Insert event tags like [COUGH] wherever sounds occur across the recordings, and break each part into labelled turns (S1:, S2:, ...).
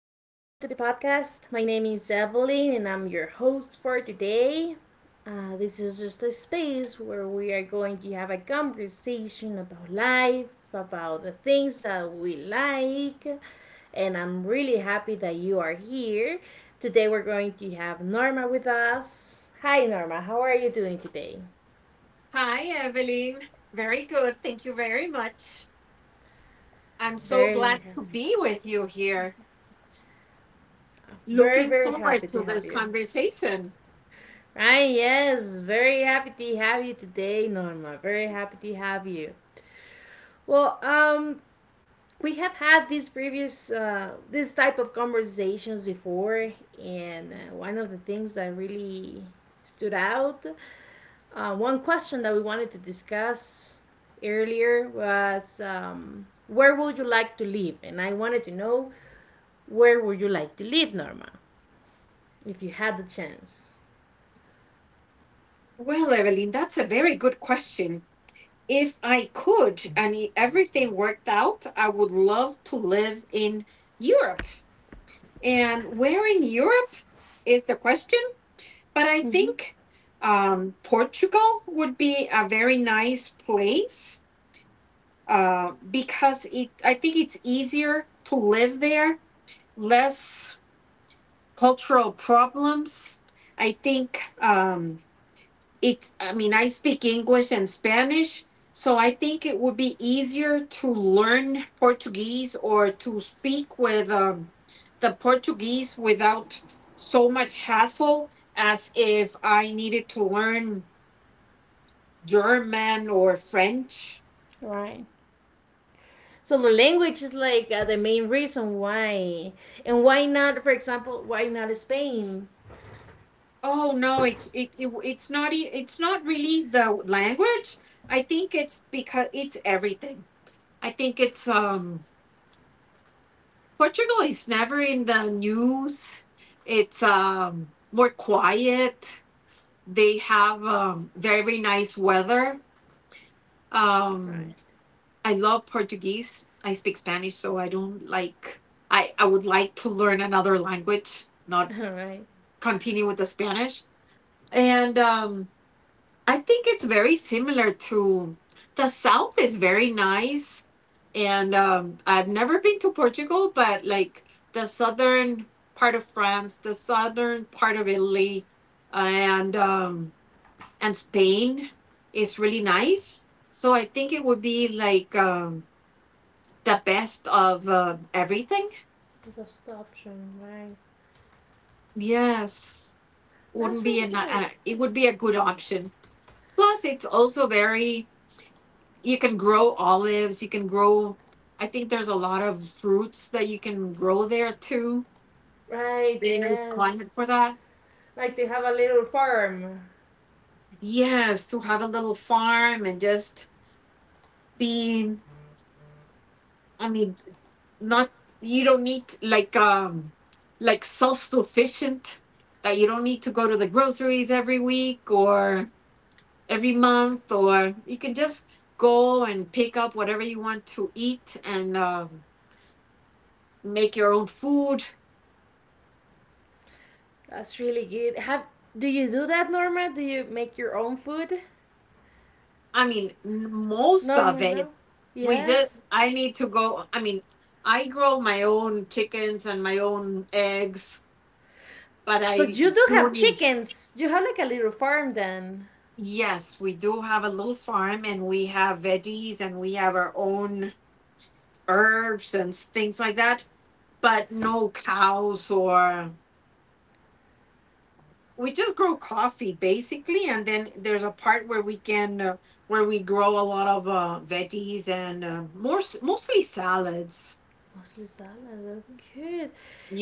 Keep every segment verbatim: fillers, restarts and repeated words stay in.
S1: to the podcast. My name is Evelyn and I'm your host for today. Uh, this is just a space where we are going to have a conversation about life, about the things that we like, and I'm really happy that you are here. Today we're going to have Norma with us. Hi Norma, how are you doing today? Very, happy. very, very happy to have you. Right, yes. Very happy to have you today, Norma. Very happy to have you. Well, um, we have had these previous, uh, this type of conversations before, and uh, one of the things that really stood out, uh, one question that we wanted to discuss earlier was, um, where would you like to live? And I wanted to know, where would you like to live, Norma, if you had the chance? Hmm. Right. So the language is like, uh, the main reason why, and why not? For example, why not Spain? Right. [LAUGHS] All right. Just option, right? That's really good. Right. Yes. Like they have a little farm. That's really good. Have Do you do that, Norma? Do you make your own food, Norma? No. Yes. So you do have chickens. You have like a little farm then. Mostly salad. That's good.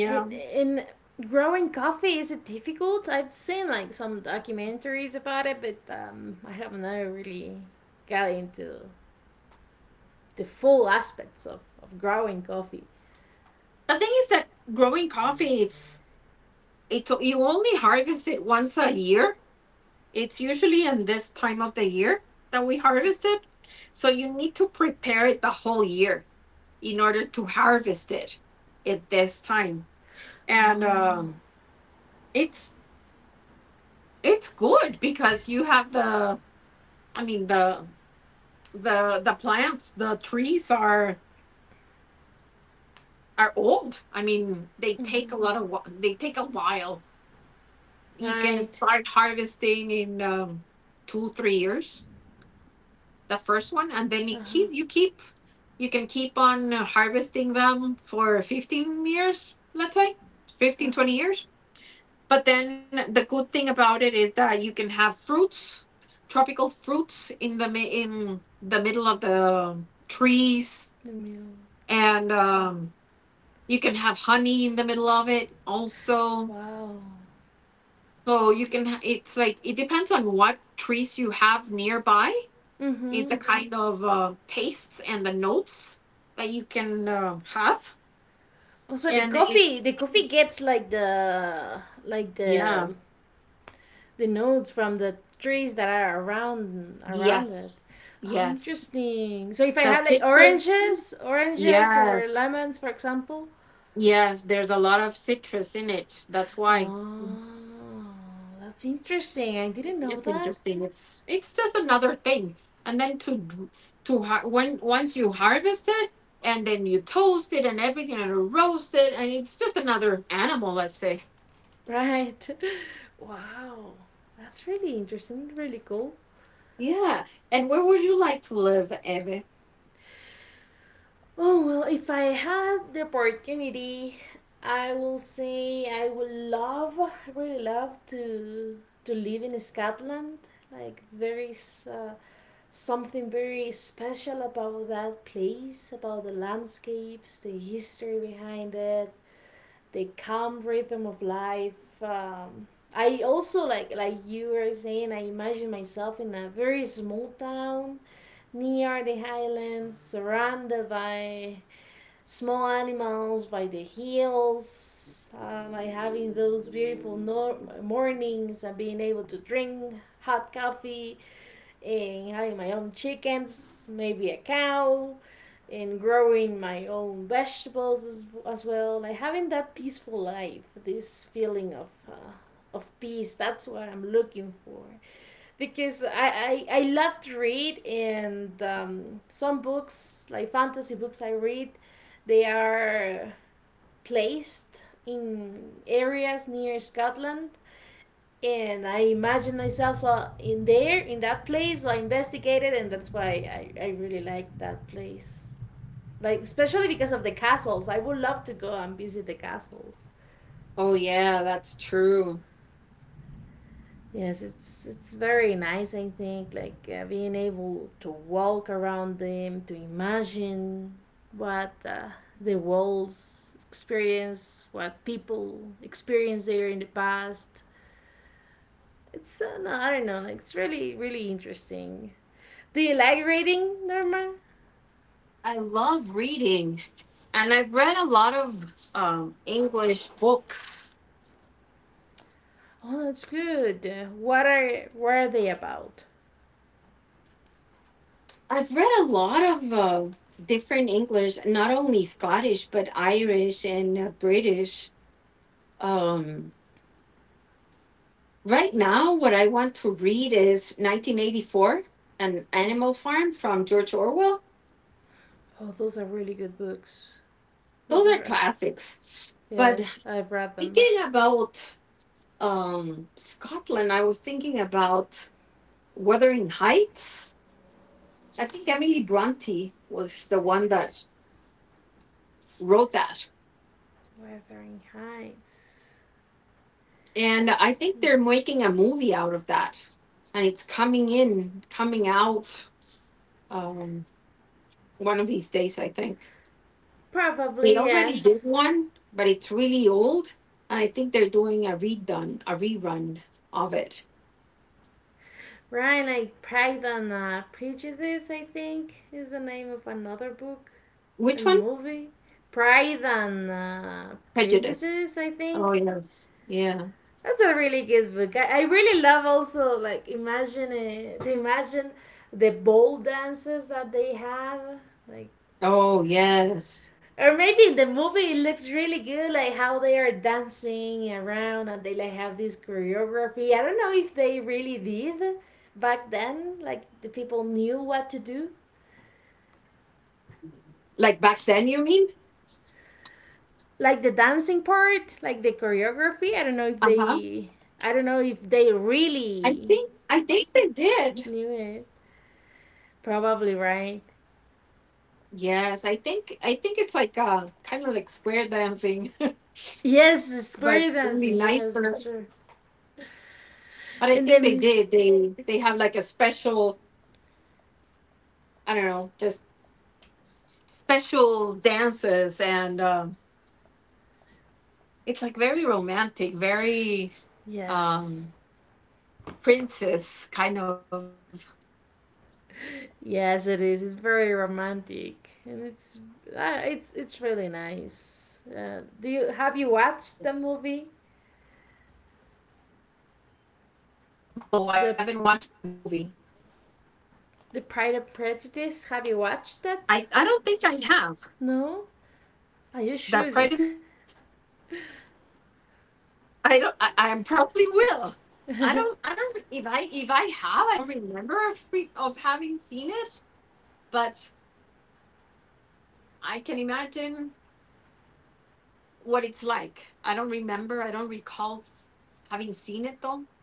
S1: in, in growing coffee, is it difficult? I've seen like some documentaries about it, but um, I have never really got into the full aspects of, of growing coffee. Oh. Hmm. Right. Uh-huh. Uh-huh. The milk. Wow. Mm-hmm. Also, the coffee the coffee gets like the like the the nodes from the trees that are around around it. Oh, interesting. So if I have like oranges, oranges or lemons, for example. Oh, that's interesting. I didn't know that. Right. [LAUGHS] Wow. That's really interesting. Really cool. Oh, well, if I had the opportunity, I will say I would love, really love to to live in Scotland. Like there is, uh, something very special about that place, about the landscapes, the history behind it, the calm rhythm of life. Um, I also like like you were saying, I imagine myself in a very small town near the highlands, surrounded by small animals, by the hills. Uh, like having those beautiful no- mornings and being able to drink hot coffee, in having my own chickens, maybe a cow, in growing my own vegetables as, as well. Like having that peaceful life, this feeling of uh, of peace. That's what I'm looking for, because I I, I love to read and, um, some books like fantasy books I read, they are placed in areas near Scotland, and I imagined myself so in there, in that place. So I investigated, and that's why I, I really like that place. Like especially because of the castles. I would love to go and visit the castles. Yes, it's it's very nice. I think, like, uh, being able to walk around them, to imagine what, uh, the walls experience, what people experienced there in the past. It's, uh, no, I don't know. Like it's really really interesting. The elaborating, Norma? Oh, that's good. What are what are they about? Oh, those are really good books. Those are, yes, I've read them. Wuthering Heights. That's probably, yes. Right, like Pride and uh, Prejudice, I think, is the name of another book and movie. Pride and uh, Prejudice, I think. That's a really good book. I, I really love also, like imagine it, to imagine the ball dances that they have, like, or maybe in the movie it looks really good, like how they are dancing around and they like have this choreography. I don't know if they really did back then, like the people knew what to do, like the dancing part, like the choreography. I don't know if they, I don't know if they really knew it. Probably right. Yes, square dancing. Yes, that's true. And then music. Yes, yes, it is. It's very romantic, and it's uh, it's it's really nice. Uh, do you have you watched the movie, the the Pride and Prejudice? Have you watched that? No. Ah, you should.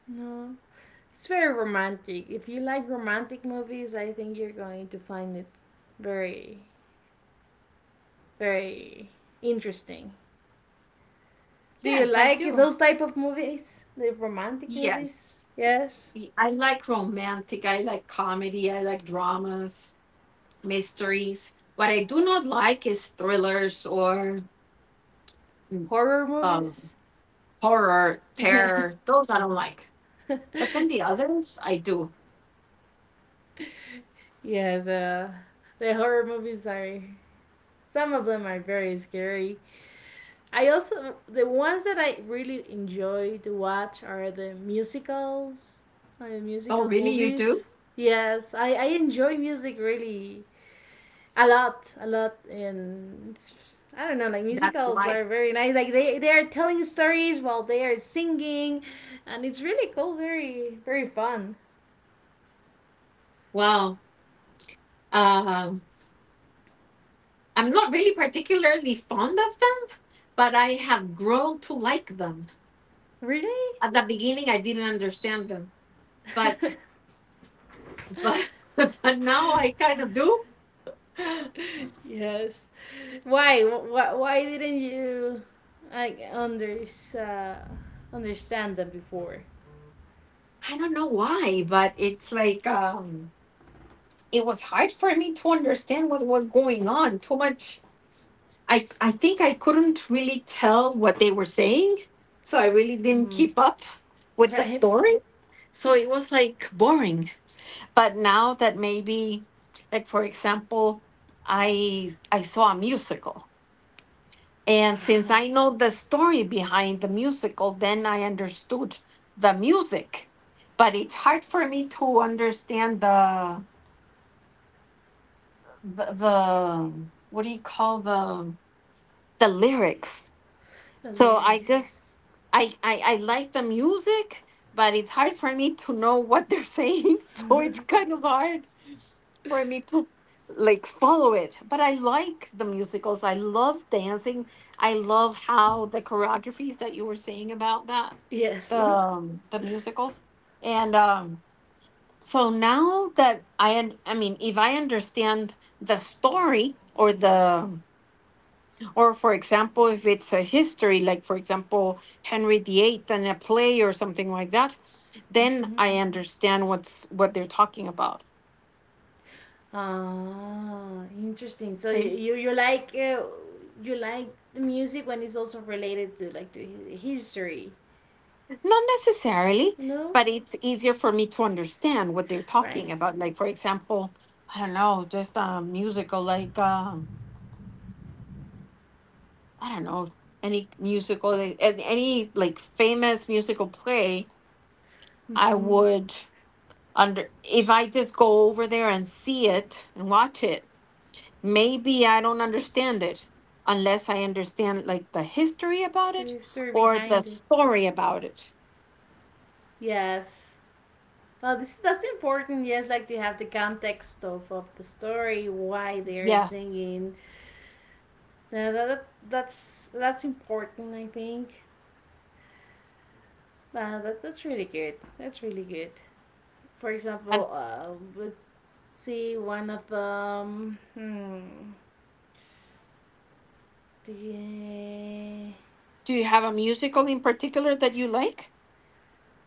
S1: No. It's very romantic. If you like romantic movies, I think you're going to find it very very interesting. Do you like those type of movies? The romantic movies? Yes. Horror movies? [LAUGHS] Yes, uh, the horror movies are some of them are very scary. I also The ones that I really enjoy to watch are the musicals, or the musical movies. Yes, I, I enjoy music really a lot a lot, and it's, I don't know, like musicals are very nice, like they they are telling stories while they are singing, and it's really cool, very very fun. Really? [LAUGHS] Yes. Why why, why didn't you like under, uh, understand them before? Mm. [LAUGHS] Right. Ah, the lyrics is— yes. [LAUGHS] Mhm. Ah, interesting. So you you, you like, uh, you like the music when it's also related to, like to hi- history, you know? Right. Mhm. The history behind it. Yes. Well, this that's important. Yes, like to have the context of, of the story, why they are singing. Uh, that, that's that's that's important, I think. Uh, that that's really good. That's really good. For example, uh, let's see one of them. Hmm. The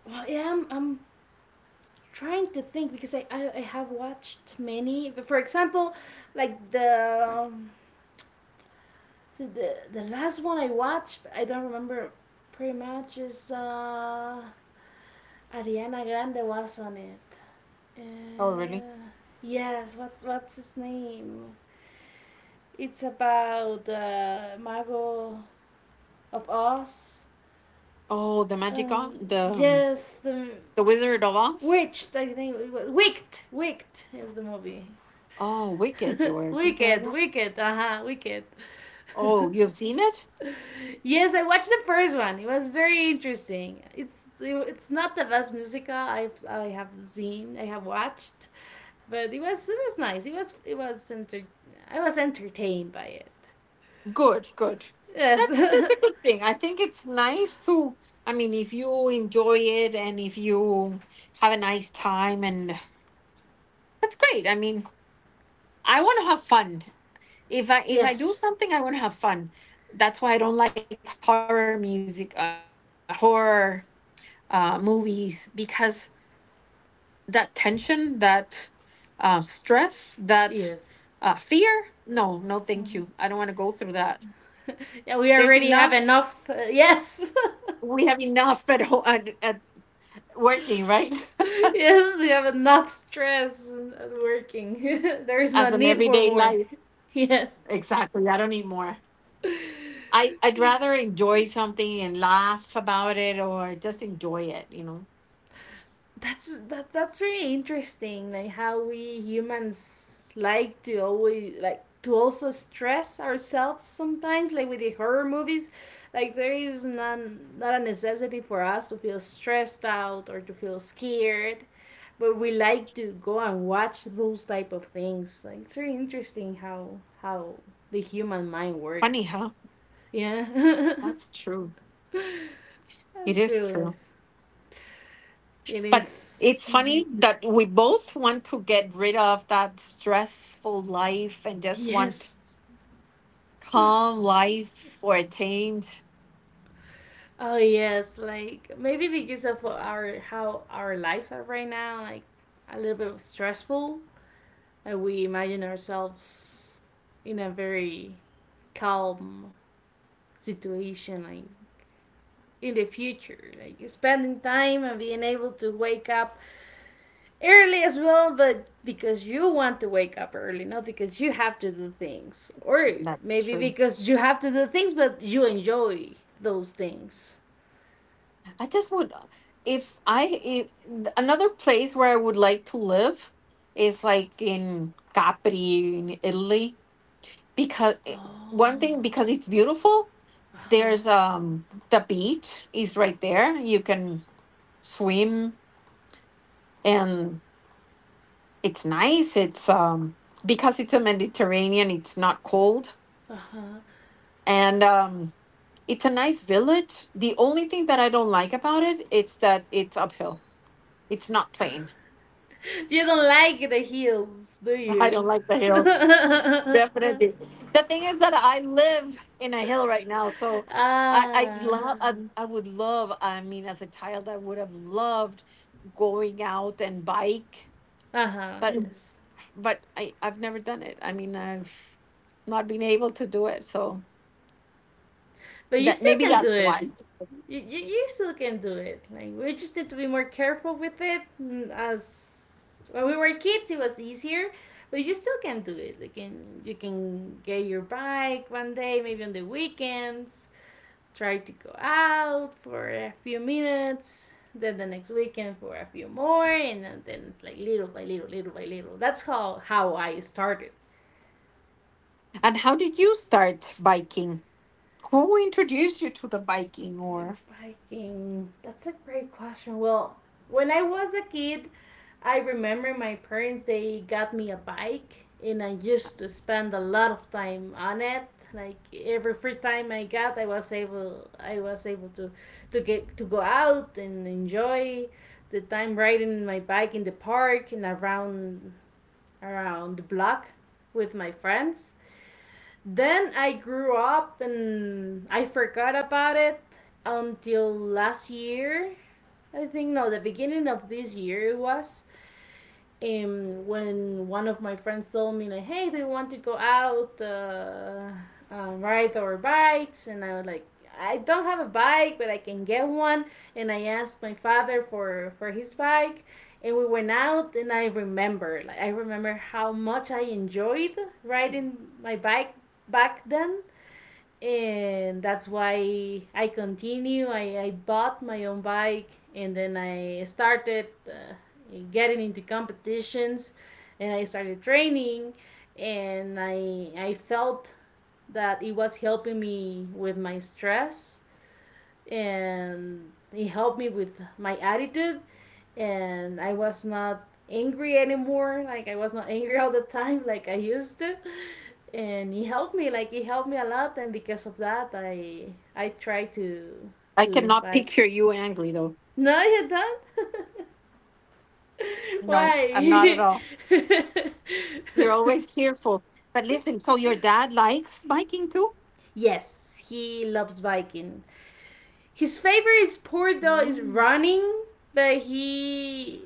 S1: Well, yeah, I'm, I'm trying to think because I, I, I have watched many. But for example, like the the the last one I watched, but I don't remember pretty much, is, uh, Ariana Grande was on it. Uh, yes, what's what's his name? It's about, uh, Mago of Oz. Um, yes, the Witched, I think it was. Wicked, Wicked is the movie. [LAUGHS] wicked, Wicked, uh-huh, Wicked. [LAUGHS] Yes, I watched the first one. It was very interesting. It's it's not the best musical i I have seen, I have watched, but it was it was nice. It was it was enter- I was entertained by it. Yes. [LAUGHS] Yes. Yes. Yeah, we already have enough. Uh, yes. [LAUGHS] [LAUGHS] Yes, we have enough stress at working. [LAUGHS] There is no need for more. [LAUGHS] Yes, that's that, that's really interesting. Like how we humans like to always, like to also stress ourselves sometimes. Like with the horror movies, like there is none not a necessity for us to feel stressed out or to feel scared. But we like to go and watch those type of things. Like it's really interesting how how the human mind works. Yeah, [LAUGHS] that's really nice. It is. Mm-hmm. Yes. Oh yes. Like maybe because of our how our lives are right now, like a little bit stressful, and we imagine ourselves in a very calm situation, like in the future, like spending time and being able to wake up early as well, but because you want to wake up early, not because you have to do things. Or maybe because you have to do things, but you enjoy those things. Oh, uh huh, uh huh. You don't like the heels, do you? [LAUGHS] Ah, uh huh, yes. But you still can do it. You, you, you still can do it. Like we just need to be more careful with it. mm, As when we were kids, it was easier, but you still can do it. You can you can get your bike one day, maybe on the weekends. Try to go out for a few minutes, then the next weekend for a few more, and then- then, like, little by little, little by little. That's how how I started the biking. That's a great question. Well, when I was a kid, I remember my parents they got me a bike and I used to spend a lot of time on it. Like every free time I got, I was able I was able to, to get to go out and enjoy the time riding my bike in the park and around around the block with my friends. Then I grew up and I forgot about it until last year. I think, no, the beginning of this year it was, um, when one of my friends told me like, "Hey, do you want to go out, uh, uh, ride our bikes?" and I was like, "I don't have a bike, but I can get one." And I asked my father for for his bike, and we went out. And I remember, like, I remember how much I enjoyed riding my bike back then, and that's why I continue. I, I bought my own bike, and then I started, uh, getting into competitions, and I started training, and I I felt that it was helping me with my stress, and it helped me with my attitude, and I was not angry anymore. Like I was not angry all the time [LAUGHS] like I used to. And he helped me, like he helped me a lot, and because of that I I try to to like No you don't [LAUGHS] Why? [LAUGHS] yes, he loves biking. His favorite sport though is running, but he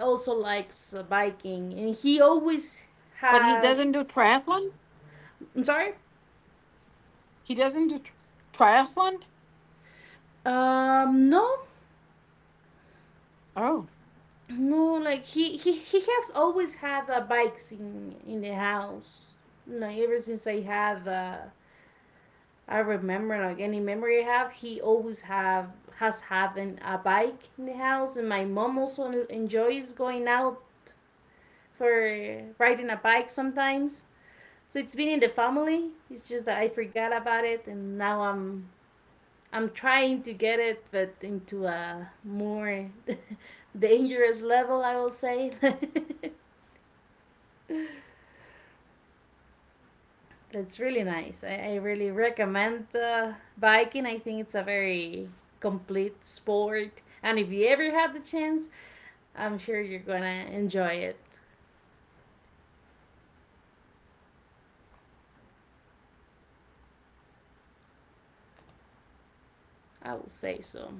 S1: also likes uh, biking, and he always has. I'm sorry. Um, no, no. Like he he he has always had uh, bikes in in the house. Like ever since I had uh, I remember, like any memory I have, he always have has had an, a bike in the house, and my mom also enjoys going out for riding a bike sometimes. So it's been in the family. It's just that I forgot about it, and now I'm I'm trying to get it, but into a more [LAUGHS] dangerous level, I will say. [LAUGHS] That's really nice. I, I really recommend uh, biking. I think it's a very complete sport, and if you ever had the chance, I'm sure you're gonna enjoy it. I will say so.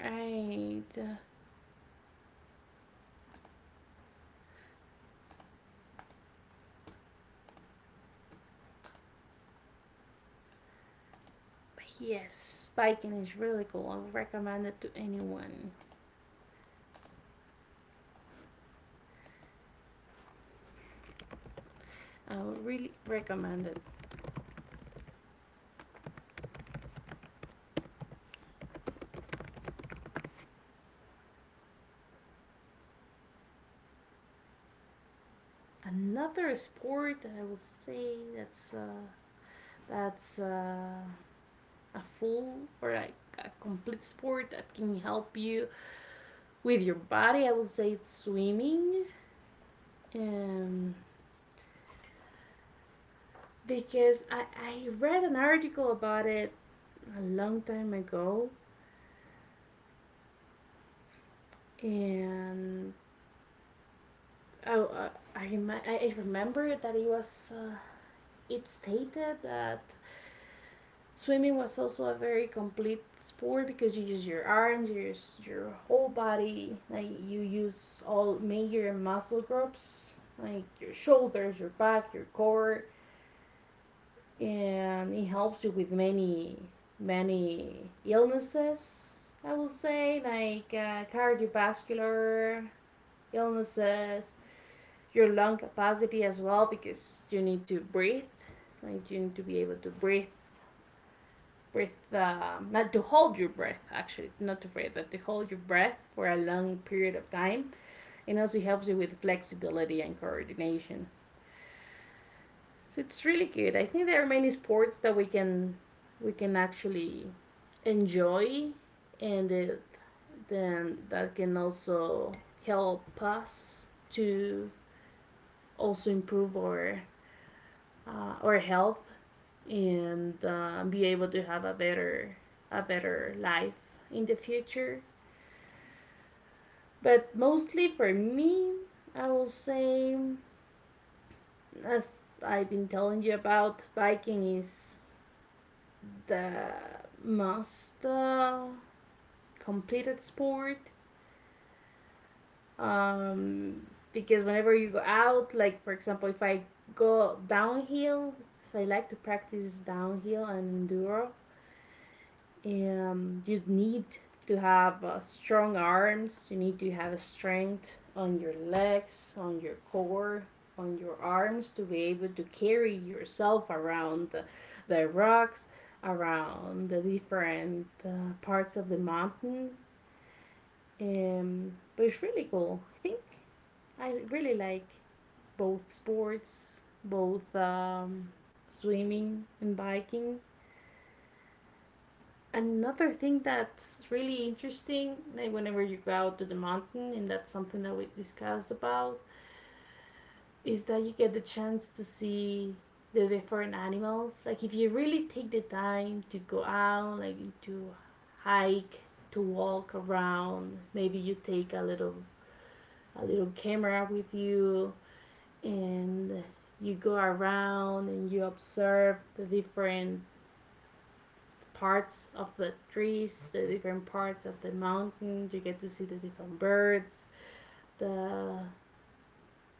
S1: Right. But yes, biking is really cool. I would recommend it to anyone. I would really recommend it. Another sport that I would say that's uh, that's uh, a full or like a complete sport that can help you with your body, I would say it's swimming, um, because I I read an article about it a long time ago, and I I I, remi- I I remember that it was uh, it stated that swimming was also a very complete sport because you use your arms, you use your whole body, like you use all major muscle groups, like your shoulders, your back, your core, and it helps you with many, many illnesses, I would say, like uh, cardiovascular illnesses, your lung capacity as well, because you need to breathe, like you need to be able to breathe breathe, uh, not to hold your breath, actually, not to breathe, but to hold your breath for a long period of time. And also helps you with flexibility and coordination. So it's really good. I think there are many sports that we can we can actually enjoy and it, then that can also help us to also improve our uh, our health and uh, be able to have a better a better life in the future. But mostly for me, I will say, as I've been telling you about, biking is the must uh, completed sport. Um, because whenever you go out, like for example, if I go downhill, so I like to practice downhill and enduro. Um, you need to have uh, strong arms. You need to have strength on your legs, on your core, on your arms to be able to carry yourself around the, the rocks, around the different uh, parts of the mountain. Um, but it's really cool. I think I really like both sports, both um, swimming and biking. Another thing that's really interesting, like whenever you go out to the mountain, and that's something that we discussed about, is that you get the chance to see the different animals. Like if you really take the time to go out, like to hike, to walk around, maybe you take a little a little camera with you and you go around and you observe the different parts of the trees, the different parts of the mountain. You get to see the different birds, the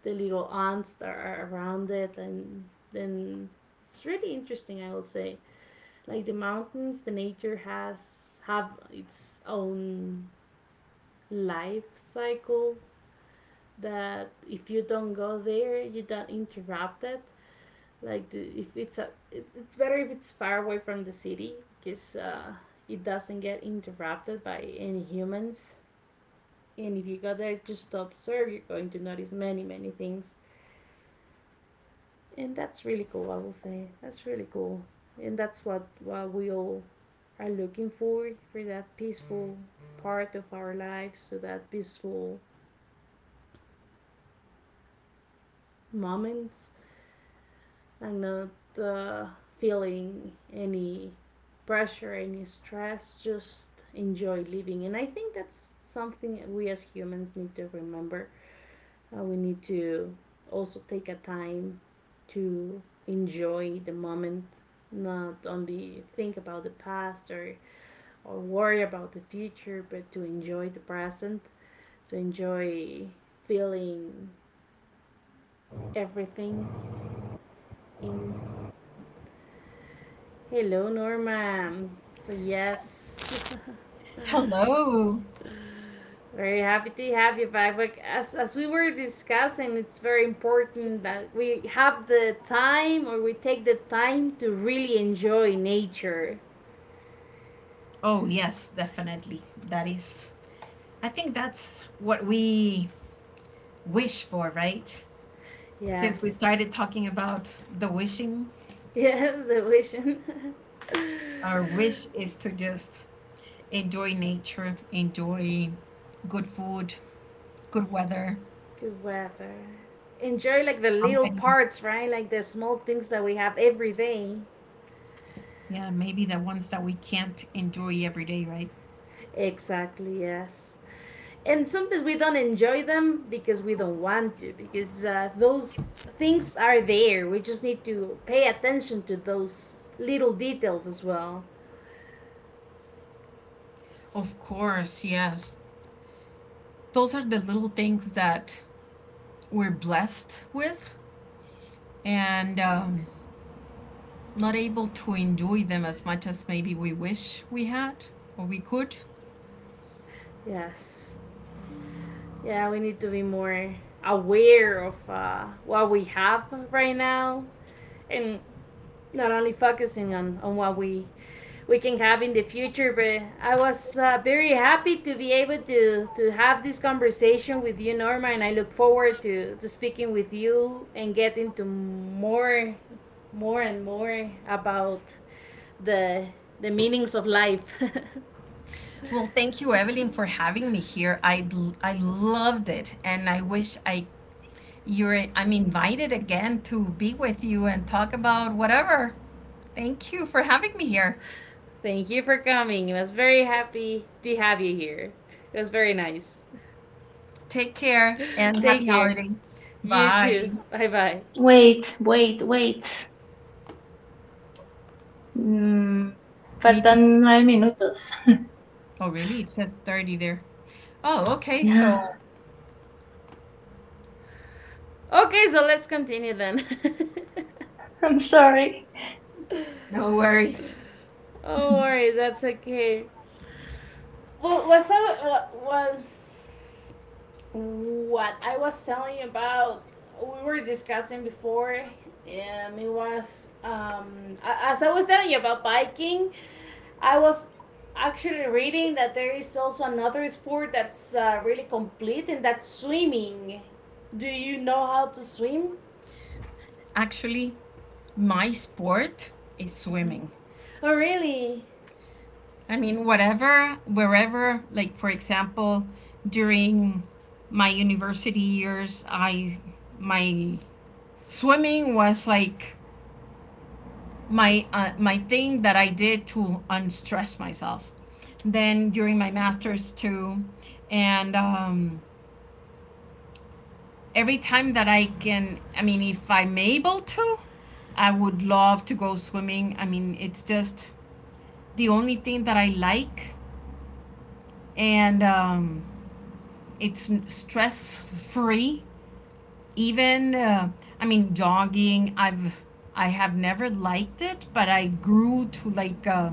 S1: the little ants that are around it, and then it's really interesting. I will say, like the mountains, the nature has have its own life cycle that if you don't go there you don't interrupt it, like the, if it's a it, it's better if it's far away from the city because uh, it doesn't get interrupted by any humans. And if you go there just to observe, you're going to notice many many things, and that's really cool. I will say that's really cool. And that's what what we all are looking for for that peaceful part of our lives, to that peaceful moment. I'm not uh, feeling any pressure, any stress, just enjoy living. And I think that's something we as humans need to remember. Uh, we need to also take a time to enjoy the moment, not only think about the past, or, or worry about the future, but to enjoy the present, to enjoy feeling everything in. Hello, Norma. So, yes,
S2: Hello.
S1: very happy to have you back. Like as as we were discussing, it's very important that we have the time, or we take the time to really enjoy nature.
S2: Oh, yes, definitely. That is, I think that's what we wish for, right? Since we
S1: Yes.
S2: started talking about the wishing,
S1: [LAUGHS] Yes, the vision.
S2: our wish is to just enjoy nature, enjoy good food, good weather,
S1: [LAUGHS] Good weather. Enjoy like the little
S2: company.
S1: parts, right? Like the small things that we have every day.
S2: Yeah, maybe the ones that we can't enjoy every day, right?
S1: Exactly, yes. And sometimes we don't enjoy them because we don't want to, because uh, those things are there, we just need to pay attention to those little details as well.
S2: Of course, yes. Those are the little things that we're blessed with. And
S1: Right.
S2: um, Not able to enjoy them as much as maybe we wish we had or we could.
S1: Yes. Yeah, we need to be more aware of uh, what we have right now, and not only focusing on, on what we we can have in the future. But I was uh, very happy to be able to to have this conversation with you, Norma, and I look forward to to speaking with you and getting to more more and more about the the meanings of life.
S2: Well, thank you, Evelyn, for having me here. I I loved it, and I wish I you're I'm invited again to be with you and talk about whatever. Thank you for having me here.
S1: [LAUGHS] Thank you for coming. I was very happy to have you here. It was very nice.
S2: Take care and
S1: Take
S2: happy
S1: care.
S2: holidays.
S1: You
S2: Bye.
S1: too. Bye bye.
S3: Wait, wait, wait. Mm,
S2: Need to.
S3: faltan nueve minutos.
S2: Oh, really? It says thirty there. Oh,
S1: Oh.
S2: okay.
S3: Yeah,
S2: So
S1: Okay, so let's continue then.
S3: I'm sorry.
S2: no worries.
S1: [LAUGHS] Oh,
S3: [LAUGHS]
S1: worry, that's okay. Well, what's up? What, what, what I was telling you about, we were discussing before. Um, it was um, as I was telling you about biking. I was actually reading that there is also another sport that's uh, really complete, and that's swimming. Do you know how to swim?
S2: Actually, my sport is swimming.
S1: Oh, really?
S2: I mean, whatever, wherever, like for example, during my university years, I my swimming was like my uh, my thing that I did to unstress myself. Then during my masters too, and um, every time that I can, I mean, if I'm able to, I would love to go swimming. I mean, it's just the only thing that I like, and um, it's stress free even uh, I mean jogging i've i have never liked it but I grew to like uh,